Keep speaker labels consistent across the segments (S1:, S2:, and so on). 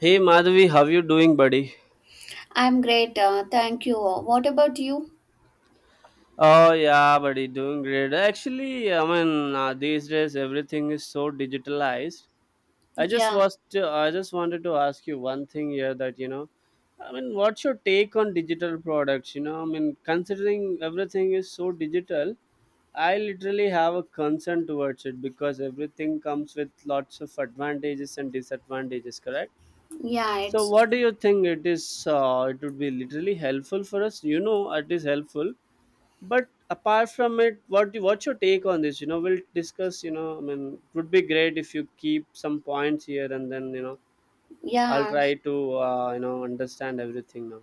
S1: Hey Madhavi, how you doing, buddy?
S2: I'm great. Thank you. What about you?
S1: Oh yeah, buddy, doing great. Actually, I mean these days everything is so digitalized.
S2: Yeah.
S1: I just wanted to ask you one thing here that what's your take on digital products? Considering everything is so digital, I literally have a concern towards it because everything comes with lots of advantages and disadvantages. Correct?
S2: Yeah,
S1: So,
S2: it's
S1: what do you think it is? It would be literally helpful for us. You know, it is helpful. But apart from it, what's your take on this? You know, we'll discuss. It would be great if you keep some points here, and then I'll
S2: yeah.
S1: try to you know understand everything now.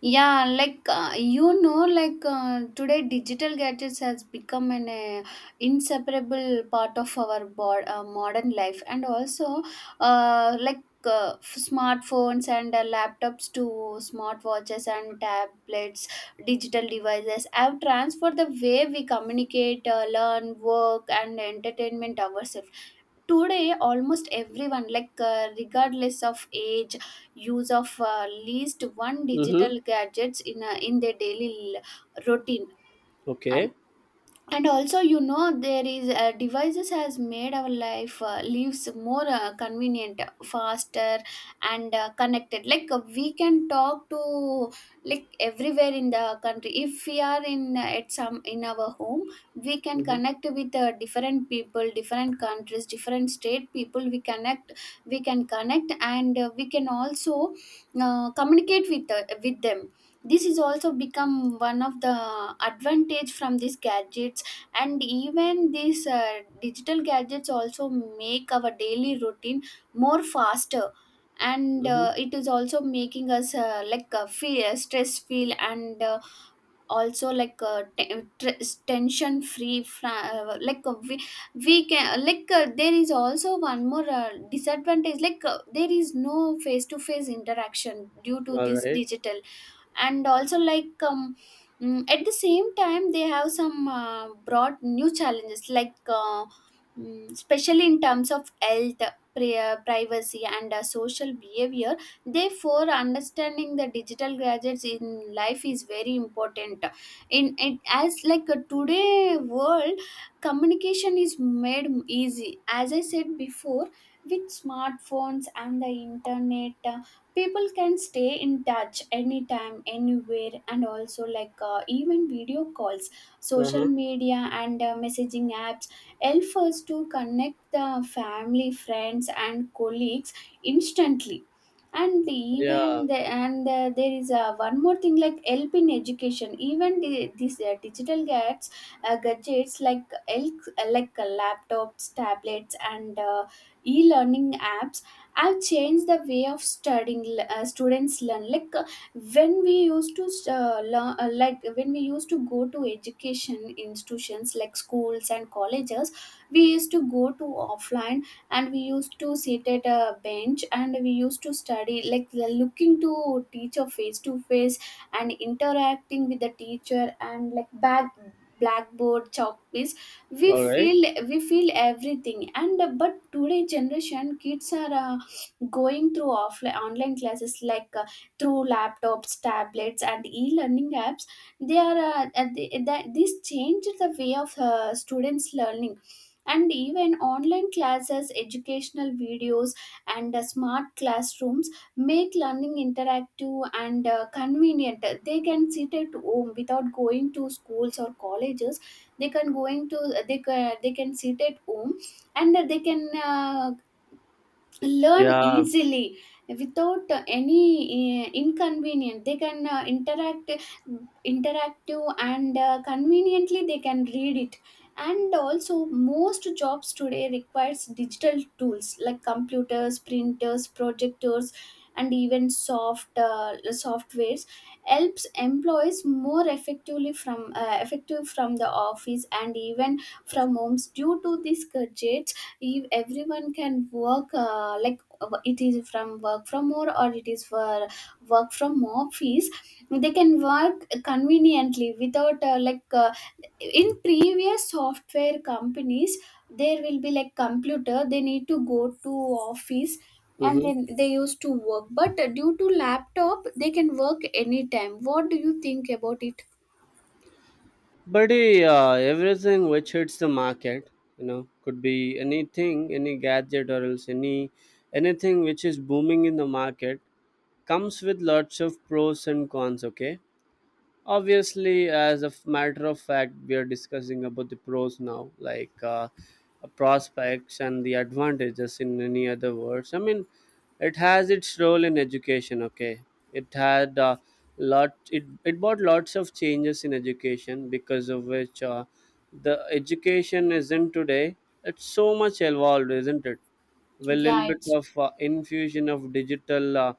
S2: Yeah, today digital gadgets has become an inseparable part of our modern life, and also smartphones and laptops to smartwatches and tablets. Digital devices have transformed the way we communicate, learn, work and entertainment ourselves. Today almost everyone, regardless of age, use of least one
S1: Mm-hmm.
S2: digital gadgets in their daily routine. and
S1: Okay.
S2: and also, you know, there is devices has made our life lives more convenient, faster and connected. Like, we can talk to, like, everywhere in the country. If we are in, at some in our home, we can
S1: Mm-hmm.
S2: connect with different people, different countries, different state people. We can connect, and we can also communicate with them. This is also become one of the advantage from these gadgets. And even these digital gadgets also make our daily routine more faster, and
S1: Mm-hmm.
S2: it is also making us feel stress feel, and also like tension free, we can, there is also one more disadvantage, there is no face to face interaction due to
S1: All
S2: this
S1: right.
S2: digital. And also at the same time they have some broad new challenges, especially in terms of health, privacy and social behavior. Therefore understanding the digital gadgets in life is very important in it, as like a today world. Communication is made easy, as I said before, with smartphones and the internet. People can stay in touch anytime, anywhere, and also even video calls, social
S1: Uh-huh.
S2: media and messaging apps help us to connect the family, friends and colleagues instantly. and
S1: Yeah.
S2: even the, and uh, there is one more thing like help in education. Even these digital gadgets like laptops, tablets and e-learning apps, I've changed the way of studying. Students learn like, when we used to learn, like when we used to go to education institutions like schools and colleges, we used to go to offline, and we used to sit at a bench and we used to study, like, looking to teacher face to face and interacting with the teacher, and like back blackboard, chalk piece, we
S1: All right.
S2: feel, we feel everything. And but today generation kids are, going through offline, online classes, through laptops, tablets and e-learning apps. That this changed the way of students learning. And even online classes, educational videos and smart classrooms make learning interactive and convenient. They can sit at home without going to schools or colleges. they can going to they can sit at home, and they can learn
S1: Yeah.
S2: easily without any inconvenience. They can interact interactive and conveniently they can read it. And also most jobs today requires digital tools like computers, printers, projectors, and even softwares helps employees more effectively from effective from the office, and even from homes due to these gadgets. If everyone can work, it is from work from home or it is for work from office, they can work conveniently without in previous software companies there will be like computer, they need to go to office and
S1: Mm-hmm.
S2: then they used to work, but due to laptop they can work anytime. What do you think about it?
S1: Buddy, everything which hits the market, you know, could be anything, any gadget or else anything which is booming in the market comes with lots of pros and cons. Okay, obviously as a matter of fact we are discussing about the pros now like prospects and the advantages in any other words. I mean, it has its role in education. Okay, it had it brought lots of changes in education, because of which the education isn't today, it's so much evolved, isn't it? With a little
S2: Yeah,
S1: bit
S2: it's
S1: of infusion of digital,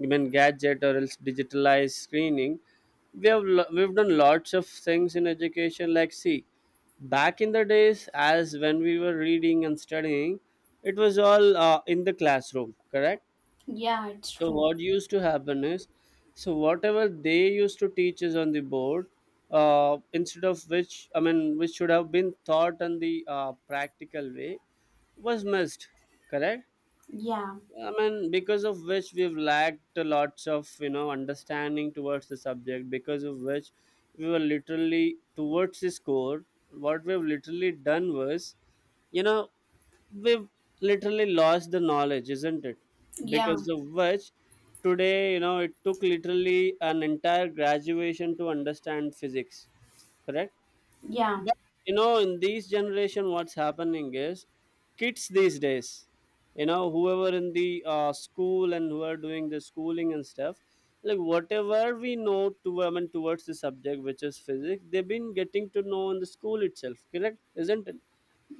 S1: even gadget or else digitalized screening, we have we've done lots of things in education. Like see, back in the days as when we were reading and studying, it was all in the classroom, correct?
S2: yeah, it's
S1: So
S2: true.
S1: what used to happen is, so whatever they used to teach us on the board, instead of which, I mean, which should have been taught on the practical way, was missed, correct?
S2: Yeah,
S1: I mean, because of which we've lacked lots of you know understanding towards the subject. Because of which we were literally towards the score. What we've literally done was, you know, we've literally lost the knowledge, isn't it?
S2: yeah,
S1: Because of which today, you know, it took literally an entire graduation to understand physics. Correct?
S2: yeah,
S1: But you know, in this generation, what's happening is kids these days, you know, whoever in the school and who are doing the schooling and stuff, like whatever we know to, I mean, towards the subject which is physics, they've been getting to know in the school itself. Correct, isn't it?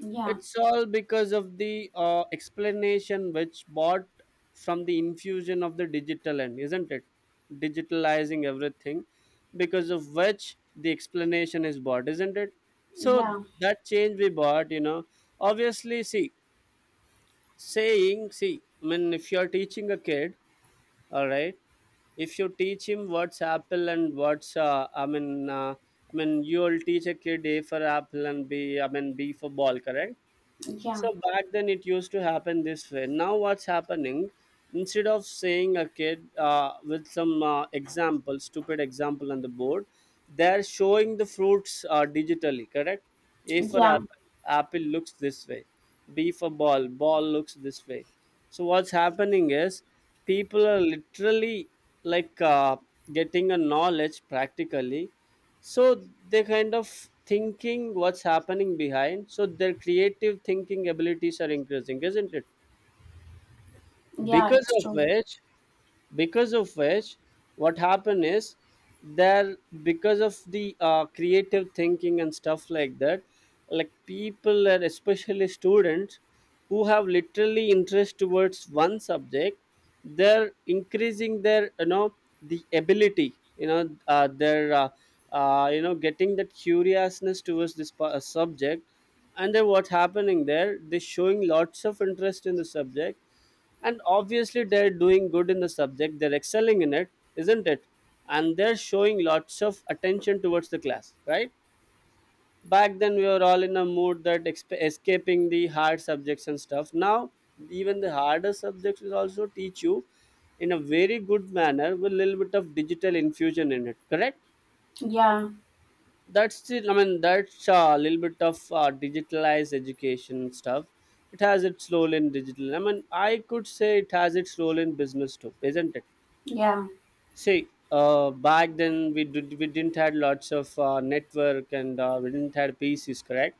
S2: yeah,
S1: It's all because of the explanation which bought from the infusion of the digital end, isn't it? Digitalizing everything, because of which the explanation is bought, isn't it? So
S2: yeah.
S1: that change we bought, you know, obviously, see, saying, see, I mean, if you're teaching a kid, all right, if you teach him what's apple and what's you'll teach a kid A for apple and B, B for ball, correct?
S2: Yeah,
S1: So back then it used to happen this way. Now what's happening? Instead of saying a kid with some example, stupid example on the board, they're showing the fruits digitally. Correct? A for
S2: yeah,
S1: apple. Apple looks this way. B for ball. Ball looks this way. So what's happening is people are literally like uh, getting a knowledge practically, so they kind of thinking what's happening behind, so their creative thinking abilities are increasing, isn't it?
S2: yeah,
S1: Because
S2: it's
S1: of
S2: true.
S1: which, because of which what happened is there, because of the creative thinking and stuff like that, like people and especially students who have literally interest towards one subject, they're increasing their, you know, the ability, you know, their are you know, getting that curiousness towards subject, and then what happening there, they showing lots of interest in the subject, and obviously they're doing good in the subject, they're excelling in it, isn't it? And they're showing lots of attention towards the class, right? Back then we were all in a mood that escaping the hard subjects and stuff. Now even the harder subjects will also teach you in a very good manner with a little bit of digital infusion in it, correct?
S2: Yeah,
S1: That's it. I mean, that's a little bit of digitalized education stuff. It has its role in digital, I mean, I could say it has its role in business too, isn't it?
S2: yeah,
S1: See, back then we did we didn't had lots of network, and we didn't had PCs, correct?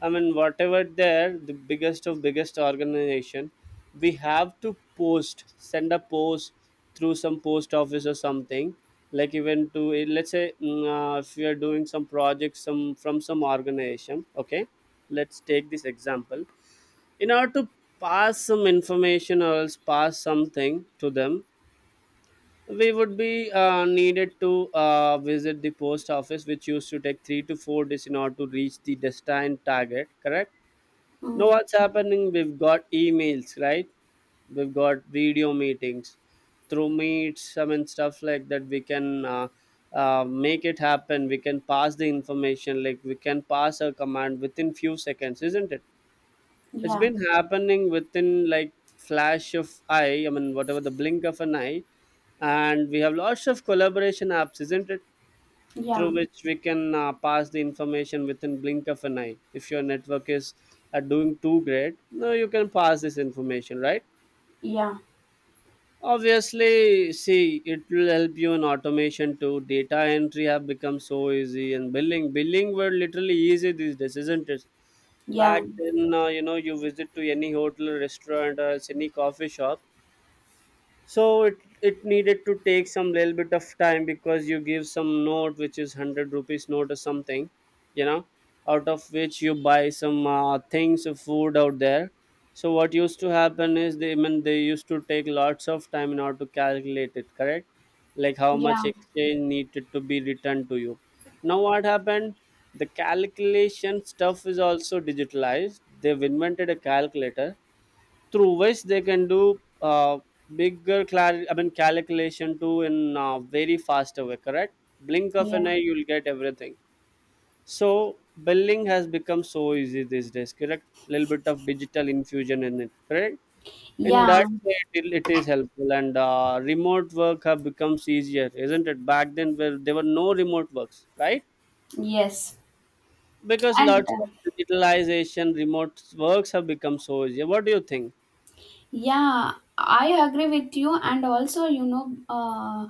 S1: I mean, whatever there, the biggest of biggest organization, we have to post, send a post through some post office or something. Like even to eh, let's say mm, if we are doing some projects some from some organization, okay, let's take this example. In order to pass some information or else pass something to them, we would be needed to visit the post office, which used to take 3 to 4 days in order to reach the destined target. Correct, now
S2: mm,
S1: what's happening? We've got emails, right? We've got video meetings through meets, I mean stuff like that. We can make it happen. We can pass the information. Like we can pass a command within few seconds, isn't it? It's
S2: yeah,
S1: been happening within like flash of eye. I mean whatever the blink of an eye, and we have lots of collaboration apps, isn't it?
S2: yeah,
S1: Through which we can pass the information within blink of an eye. If your network is doing too great, no, you can pass this information, right?
S2: yeah,
S1: Obviously, see, it will help you in automation too. Data entry have become so easy, and billing were literally easy these days, isn't it?
S2: yeah,
S1: Back then, you know, you visit to any hotel restaurant or else any coffee shop, so it needed to take some little bit of time because you give some note which is 100 rupees note or something, you know, out of which you buy some things of food out there. So what used to happen is, they, I mean, they used to take lots of time in order to calculate it, correct? Like how
S2: yeah,
S1: much exchange needed to be returned to you. Now what happened, the calculation stuff is also digitalized. They've invented a calculator through which they can do I mean, calculation too in very faster way, correct? Blink of an
S2: yeah,
S1: eye you'll get everything. So billing has become so easy these days, correct? Little bit of digital infusion in it, correct? In that
S2: yeah,
S1: way it is helpful, and remote work have becomes easier, isn't it? Back then where there were no remote works, right?
S2: yes.
S1: Because
S2: And
S1: lots of digitalization, remote works have become so easy. What do you think?
S2: Yeah, I agree with you, and also, you know,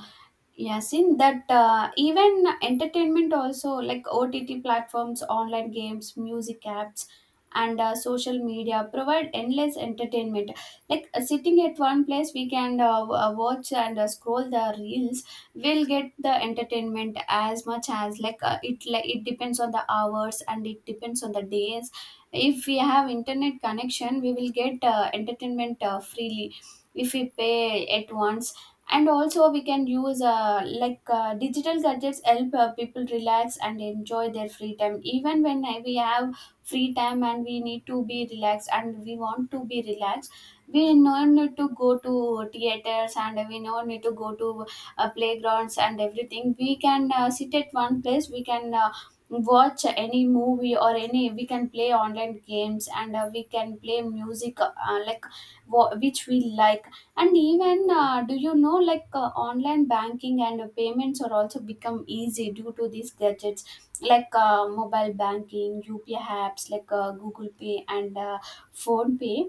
S2: Yasin, that even entertainment also, like OTT platforms, online games, music apps and social media provide endless entertainment. Like, sitting at one place, we can watch and scroll the reels. We'll get the entertainment as much as it. Like, it depends on the hours and it depends on the days. If we have internet connection, we will get entertainment freely, if we pay at once. And also we can use, digital gadgets help people relax and enjoy their free time. Even when we have free time and we need to be relaxed and we want to be relaxed, we no need to go to theaters and we no need to go to playgrounds and everything. We can sit at one place, we can watch any movie or any, we can play online games and we can play music like which we like. And even do you know, online banking and payments are also become easy due to these gadgets. Like mobile banking, upi apps like google pay and phone pay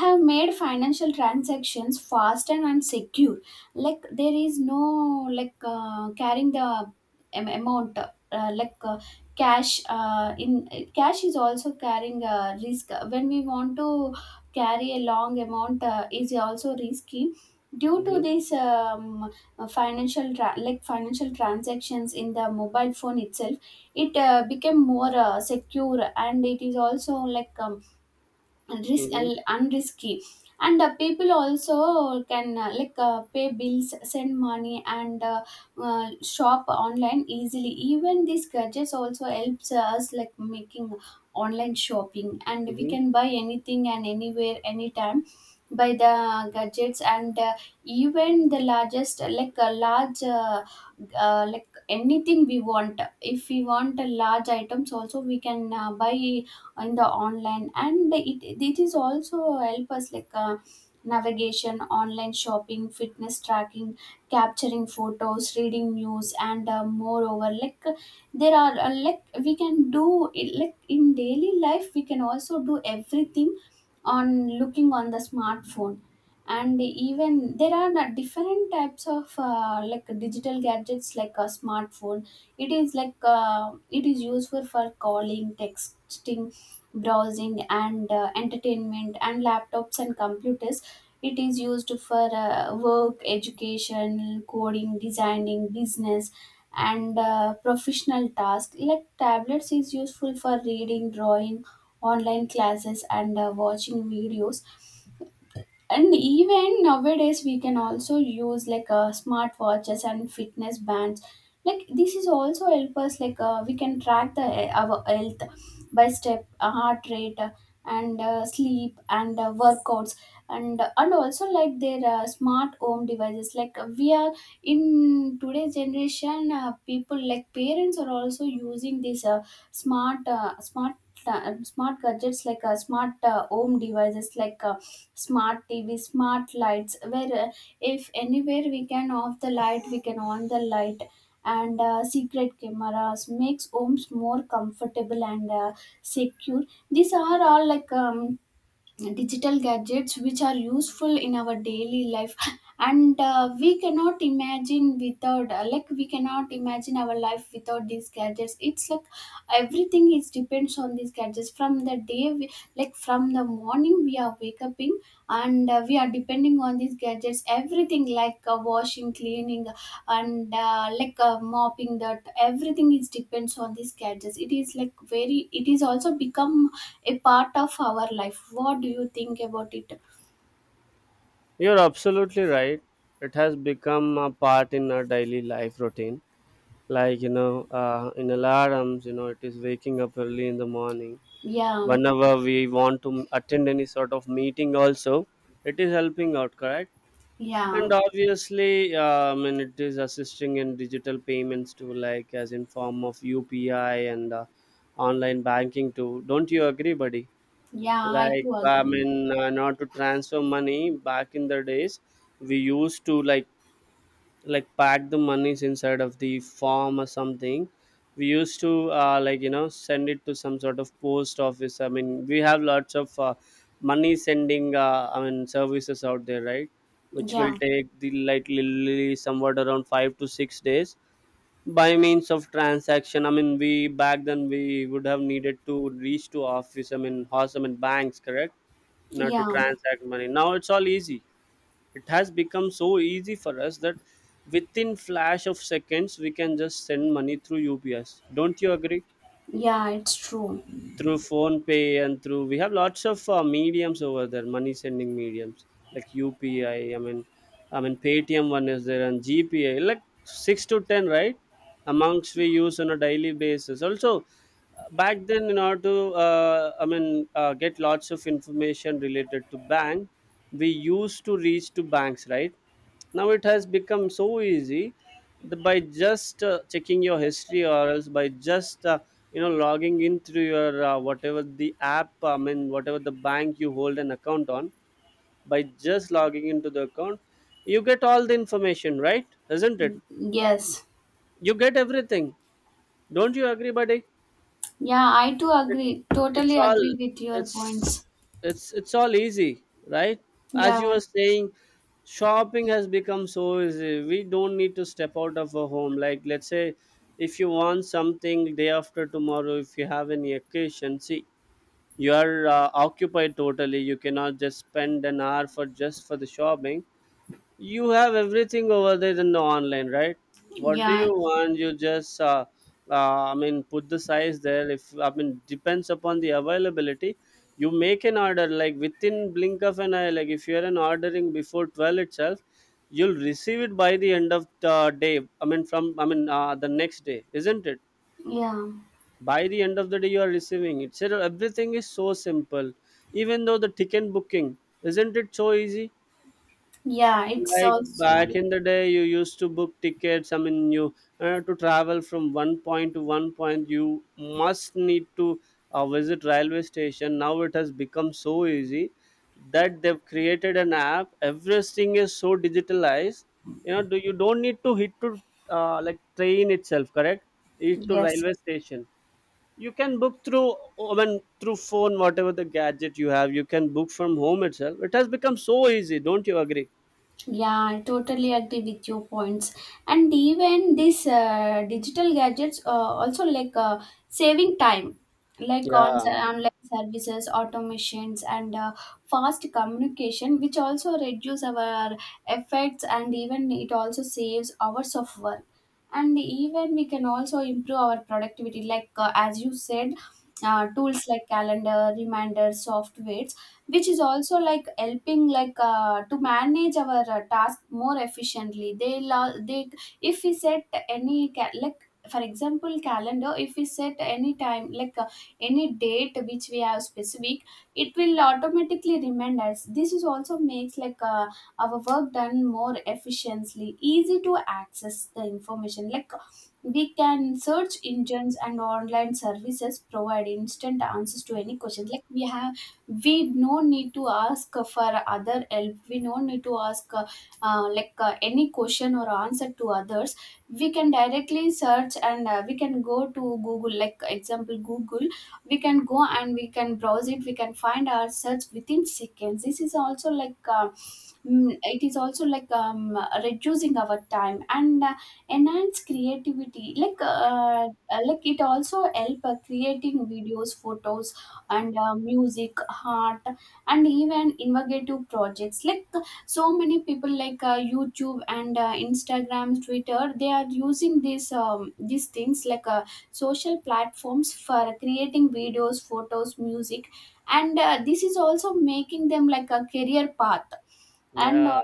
S2: have made financial transactions faster and secure. Like there is no, carrying the amount, cash in cash is also carrying a risk. When we want to carry a long amount is also risky due to
S1: Mm-hmm.
S2: this financial transactions in the mobile phone itself, it became more secure, and it is also like and risk
S1: Mm-hmm.
S2: and and risky. And people also can, pay bills, send money and shop online easily. Even these gadgets also helps us like making online shopping, and we can buy anything and anywhere, anytime by the gadgets. And even the largest like a large like anything we want, if we want a large items also, we can buy in the online. And it is also help us like, navigation, online shopping, fitness tracking, capturing photos, reading news, and moreover there are we can do it, like in daily life we can also do everything on looking on the smartphone. And even there are not different types of digital gadgets. Like a smartphone, it is like, it is useful for calling, texting, browsing and entertainment. And laptops and computers, it is used for work, education, coding, designing, business and professional tasks. Like tablets is useful for reading, drawing, online classes and watching videos. And even nowadays we can also use like smartwatches and fitness bands. Like this is also help us like, we can track the our health by step, heart rate, and sleep and workouts. And also like their smart home devices. Like, we are in today's generation, people like parents are also using these smart uh, smart smart gadgets, like smart home devices like smart tv, smart lights, where if anywhere we can off the light, we can on the light. And secret cameras makes homes more comfortable and secure. These are all digital gadgets which are useful in our daily life and we cannot imagine without we cannot imagine our life without these gadgets. It's like everything is depends on these gadgets. From the day we, like from the morning we are wake up in, and we are depending on these gadgets, everything like washing, cleaning and mopping, that everything is depends on these gadgets. It is like very, it is also become a part of our life. What do you think about it?
S1: You're absolutely right. It has become a part in our daily life routine. Like, you know, in alarms, you know, it is waking up early in the morning.
S2: Yeah.
S1: Whenever we want to attend any sort of meeting, also, it is helping out, correct? And
S2: Yeah.
S1: obviously, I mean, it is assisting in digital payments too, like as in form of UPI and online banking too. Don't you agree, buddy?
S2: Yeah, I
S1: Like
S2: do
S1: I
S2: agree.
S1: mean, not to transfer money, back in the days we used to like pack the monies inside of the form or something. We used to like you know send it to some sort of post office. I mean, we have lots of money sending I mean services out there, right? Which will
S2: Yeah.
S1: take the like literally somewhat around 5 to 6 days by means of transaction. I mean, we back then we would have needed to reach to office, I mean house, I mean banks, correct? Now to
S2: Yeah.
S1: transact money, now it's all easy. It has become so easy for us that within flash of seconds we can just send money through ups, don't you agree?
S2: Yeah, it's true.
S1: Through phone pay, and through we have lots of mediums over there, money sending mediums like UPI, i mean paytm one is there, and gpa, like 6 to 10, right? Amongst we use on a daily basis. Also back then, in order to uh, i mean get lots of information related to bank, we used to reach to banks, right? Now it has become so easy that by just checking your history, or else by just you know logging in through your whatever the app, I mean whatever the bank you hold an account on, by just logging into the account you get all the information, right, isn't it?
S2: Yes.
S1: You get everything, don't you agree, buddy?
S2: Yeah, I too agree.
S1: It's
S2: Totally
S1: all,
S2: agree with your
S1: it's
S2: points.
S1: it's all easy, right? As you were
S2: Yeah,
S1: saying, shopping has become so easy, we don't need to step out of our home. Like let's say if you want something day after tomorrow. If you have any occasion, see, you are occupied totally. You cannot just spend an hour for, just for the shopping. You have everything over there in the online, right? What do you
S2: yeah,
S1: want? You just uh, I mean, put the size there, if, I mean, depends upon the availability. You make an order like within blink of an eye. Like if you're an ordering before 12 itself, you'll receive it by the end of the day, I mean from, I mean the next day, isn't it?
S2: yeah,
S1: By the end of the day, you are receiving it, so everything is so simple. Even though the ticket booking, isn't it so easy?
S2: yeah. It's
S1: Like
S2: also
S1: back in the day, you used to book tickets. I mean, you to travel from one point to one point, you must need to visit railway station. Now it has become so easy that they've created an app. Everything is so digitalized. You know, do you don't need to hit to like train itself, correct? Hit to
S2: yes.
S1: railway station. You can book through, I mean, through phone, whatever the gadget you have. You can book from home itself. It has become so easy. Don't you agree?
S2: Yeah, I totally agree with your points. And even this digital gadgets also saving time, like on
S1: Yeah.
S2: online services, automations, and fast communication, which also reduce our efforts, and even it also saves hours of work. And even we can also improve our productivity, as you said, tools like calendar reminders softwares, which is also like helping to manage our task more efficiently. They lo- they If we set like for example calendar, if we set any time any date which we have specific, it will automatically remind us. This is also makes like a our work done more efficiently, easy to access the information. Like we can search engines and online services provide instant answers to any questions like we have. We no need to ask for other help, we no need to ask any question or answer to others. We can directly search, and we can go to Google, like example Google, we can go and we can browse it, we can find our search within seconds. This is also it is also reducing our time, and enhance creativity, like it also help creating videos, photos, and music, art, and even innovative projects. Like so many people like YouTube and Instagram, Twitter, they are using these things social platforms for creating videos, photos, music. And this is also making them like a career path, and
S1: Yeah,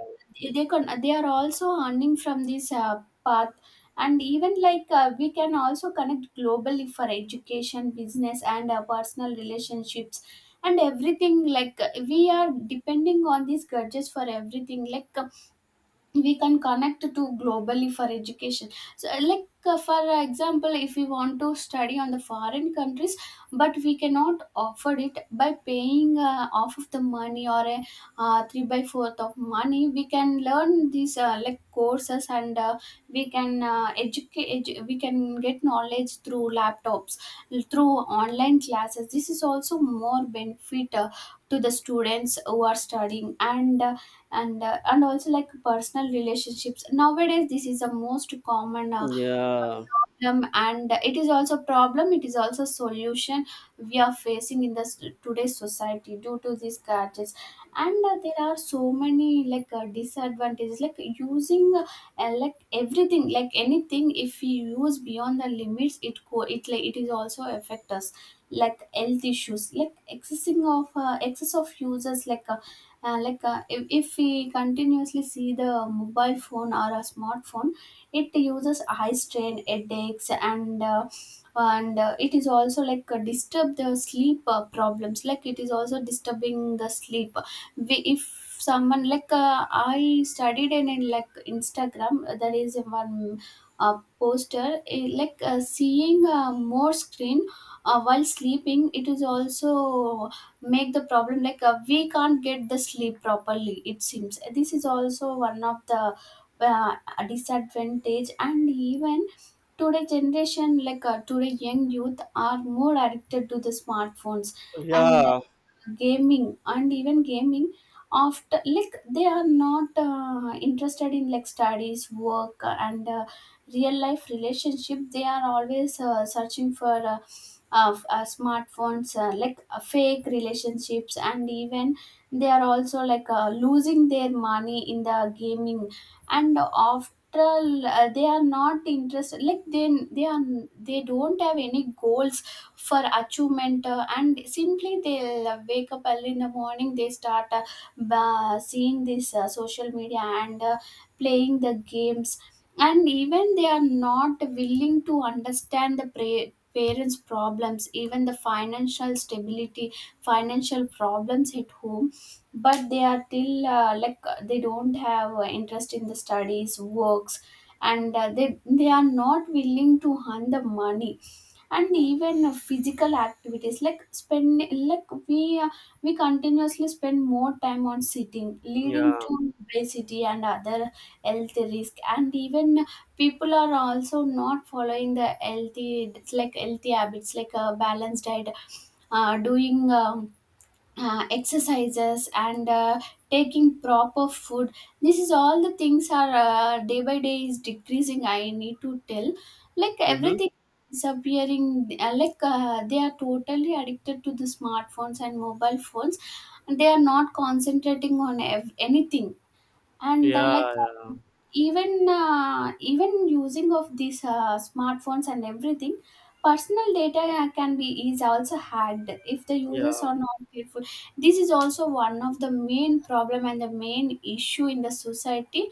S2: they can, they are also earning from this path. And even we can also connect globally for education, business, and personal relationships. And everything, we are depending on these gadgets for everything. Like we can connect to globally for education. So for example, if we want to study on the foreign countries but we cannot afford it by paying off of the money, or a 3 by 4th of money, we can learn these like courses, and we can we can get knowledge through laptops, through online classes. This is also more benefit to the students who are studying. And also like personal relationships, nowadays this is the most common
S1: yeah,
S2: problem, and it is also problem, it is also solution we are facing in this today's society due to these gadgets. And there are so many like disadvantages, like everything, like anything if we use beyond the limits, it is also affect us. Like health issues, like excess of users, if we continuously see the mobile phone or a smartphone, it uses high strain, headaches, and it is also disturb the sleep problems. Like it is also disturbing the sleep. We, if someone I studied in like Instagram, there is one poster, seeing more screen while sleeping, it is also make the problem, we can't get the sleep properly, it seems. This is also one of the uh, disadvantage. And even today generation, today young youth are more addicted to the smartphones and
S1: yeah,
S2: gaming, and even gaming. After like they are not interested in like studies, work, and real life relationship. They are always searching for smartphones, fake relationships. And even they are also losing their money in the gaming. And after all, they are not interested, like they don't have any goals for achievement, and simply they'll wake up early in the morning, they start seeing this social media and playing the games. And even they are not willing to understand the parents problems, even the financial stability, financial problems at home. But they are till they don't have interest in the studies works, and they are not willing to earn the money. And even physical activities, like spend like we continuously spend more time on sitting, leading
S1: yeah.
S2: to obesity and other health risk. And even people are also not following the healthy, it's like healthy habits, like a balanced diet, doing exercises, and taking proper food. This is all the things are day by day is decreasing, I need to tell, like
S1: Mm-hmm.
S2: everything disappearing. They are totally addicted to the smartphones and mobile phones, and they are not concentrating on anything. And
S1: Yeah, yeah,
S2: um, even even using of these smartphones and everything, personal data can be is also hacked if the users
S1: yeah,
S2: are not careful. This is also one of the main problem and the main issue in the society.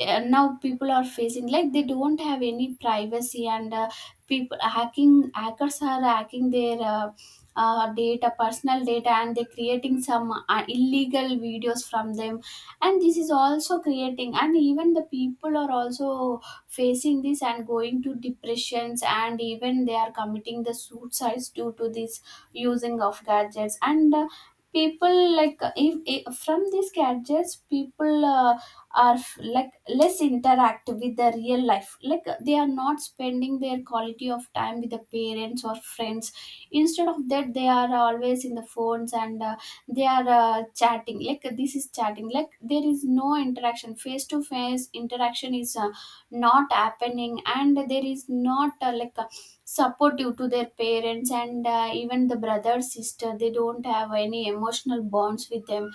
S2: Now people are facing, like they don't have any privacy. And people hacking, hackers are hacking their data, personal data, and they're creating some illegal videos from them. And this is also creating. And even the people are also facing this and going to depressions, and even they are committing the suicides due to this using of gadgets. And people like if from these gadgets people like less interact with the real life, they are not spending their quality of time with the parents or friends. Instead of that they are always in the phones, and they are chatting. This is chatting, like there is no interaction, face to face interaction is not happening. And there is not like a supportive to their parents, and even the brother sister, they don't have any emotional bonds with them.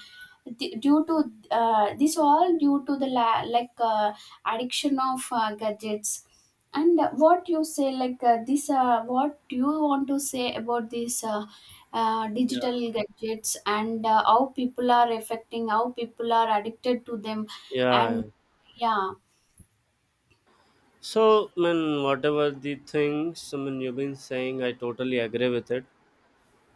S2: Due to this all, due to the addiction of gadgets. And what you say like this what do you want to say about this
S1: yeah,
S2: digital gadgets, and how people are affecting, how people are addicted to them?
S1: yeah.
S2: And yeah,
S1: So, man, whatever the things, I mean, you've been saying, I totally agree with it.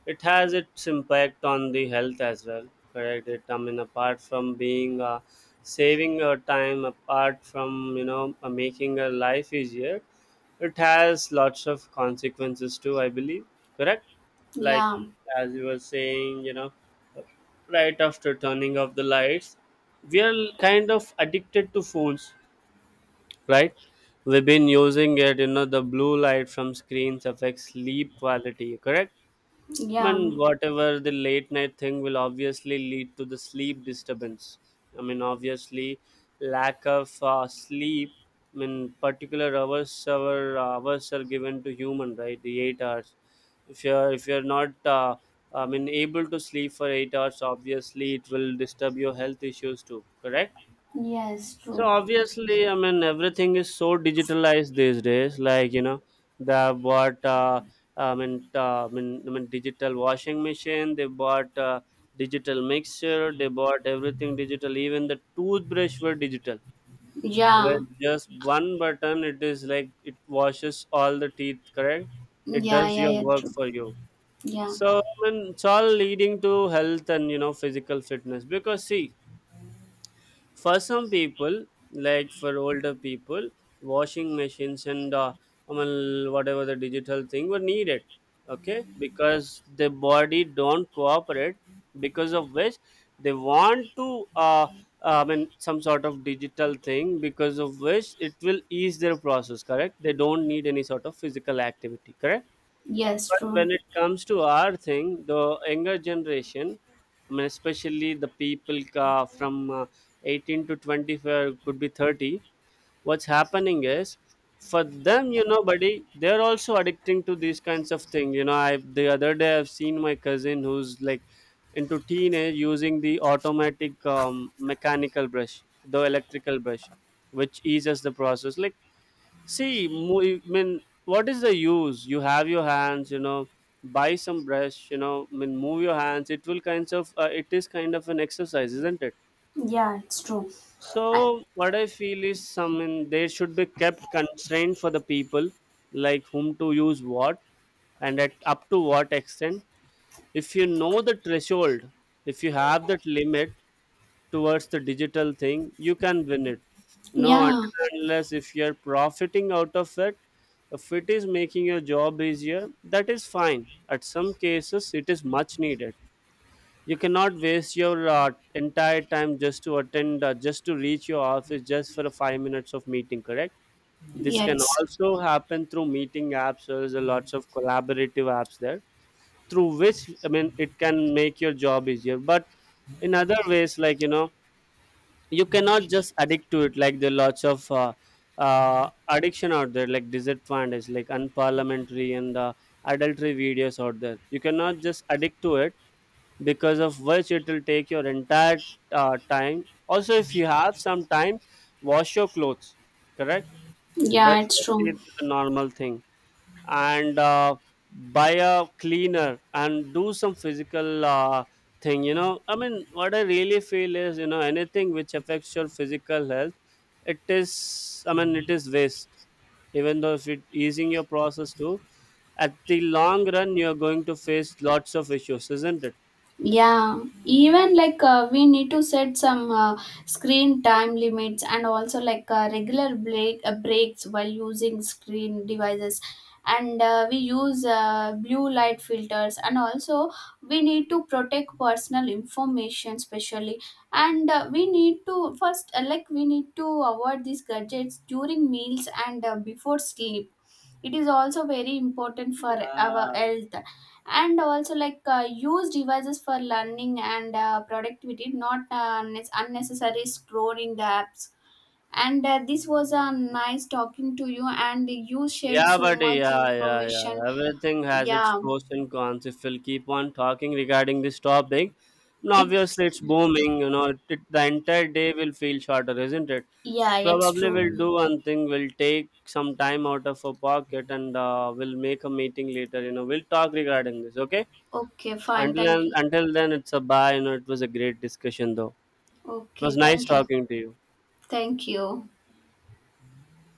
S1: It has its impact on the health as well, correct? It, I mean, apart from being saving your time, apart from making your life easier, it has lots of consequences too. I believe, correct? Like,
S2: yeah.
S1: as you were saying. Right after turning off the lights, we are kind of addicted to phones, right? We've been using it. The blue light from screens affects sleep quality, correct?
S2: Yeah.
S1: Man,
S2: Mm.
S1: whatever the late night thing will obviously lead to the sleep disturbance. I mean, obviously, lack of sleep. I mean, particular hours, our hours are given to human, right? The 8 hours. If you're not, I mean, able to sleep for 8 hours, obviously it will disturb your health issues too. Correct?
S2: Yes,
S1: So
S2: true.
S1: obviously, I mean, everything is so digitalized these days. Like, they bought, I mean, digital washing machine. They bought digital mixer. They bought everything digital. Even the toothbrush were digital.
S2: Yeah.
S1: With just one button, it is like it washes all the teeth. Correct? It
S2: Yeah,
S1: does
S2: yeah,
S1: your
S2: yeah,
S1: work
S2: true.
S1: for you.
S2: Yeah.
S1: So I mean, it's all leading to health and physical fitness. Because see, for some people, like for older people, washing machines and I mean, whatever the digital thing were needed, okay, because the body don't cooperate, because of which they want to I mean, some sort of digital thing, because of which it will ease their process, correct, they don't need any sort of physical activity, correct.
S2: Yes,
S1: But
S2: true.
S1: when it comes to our thing, the younger generation, I mean, especially the people ka from 18 to 25, could be 30, what's happening is, for them, you know, buddy, they're also addicting to these kinds of things. You know, I The other day, I've seen my cousin who's like into teenage using the automatic mechanical brush, the electrical brush, which eases the process. Like, see, I mean, what is the use? You have your hands, buy some brush, I mean, move your hands. It is kind of an exercise, isn't it?
S2: Yeah, it's true. I,
S1: So, what I feel is, some, I mean, they should be kept constrained for the people, like whom to use what, and at up to what extent. If you know the threshold, if you have that limit towards the digital thing, you can win it. No,
S2: yeah.
S1: until and unless if you're profiting out of it. If it is making your job easier, that is fine. At some cases it is much needed. You cannot waste your entire time just to attend just to reach your office just for a 5 minutes of meeting, correct? This
S2: Yeah,
S1: can
S2: it's
S1: also happen through meeting apps. There's a lots of collaborative apps there through which, I mean, it can make your job easier. But in other ways, like, you cannot just addict to it. Like, there are lots of uh, addiction out there, like disadvantage, like unparliamentary and adultery videos out there. You cannot just addict to it, because of which it will take your entire time also. If you have some time, wash your clothes, correct?
S2: yeah,
S1: Brush
S2: it's
S1: your teeth
S2: true.
S1: is a normal thing. And buy a cleaner and do some physical thing. I mean, what I really feel is, anything which affects your physical health, it is, I mean, it is waste. Even though if it easing your process too, at the long run, you're going to face lots of issues, isn't it?
S2: Yeah, even we need to set some screen time limits, and also regular breaks while using screen devices. And we use blue light filters, and also we need to protect personal information especially. And we need to first we need to avoid these gadgets during meals and before sleep. It is also very important for our
S1: Yeah.
S2: health. And also use devices for learning and productivity, not unnecessary scrolling the apps. And this was a nice talking to you, and you shared
S1: Yeah,
S2: so
S1: buddy.
S2: much
S1: Yeah, yeah, yeah.
S2: information.
S1: Everything has its
S2: Yeah,
S1: pros and cons. If we'll keep on talking regarding this topic, and
S2: it's
S1: obviously it's booming. The entire day will feel shorter, isn't it?
S2: yeah, it's
S1: Probably
S2: true.
S1: we'll do one thing. We'll take some time out of our pocket, and we'll make a meeting later. We'll talk regarding this. Okay.
S2: Okay, fine, thank
S1: Until
S2: you.
S1: until then, it's a bye. It was a great discussion though. It was
S2: Okay,
S1: nice
S2: thank you.
S1: talking to you.
S2: Thank you.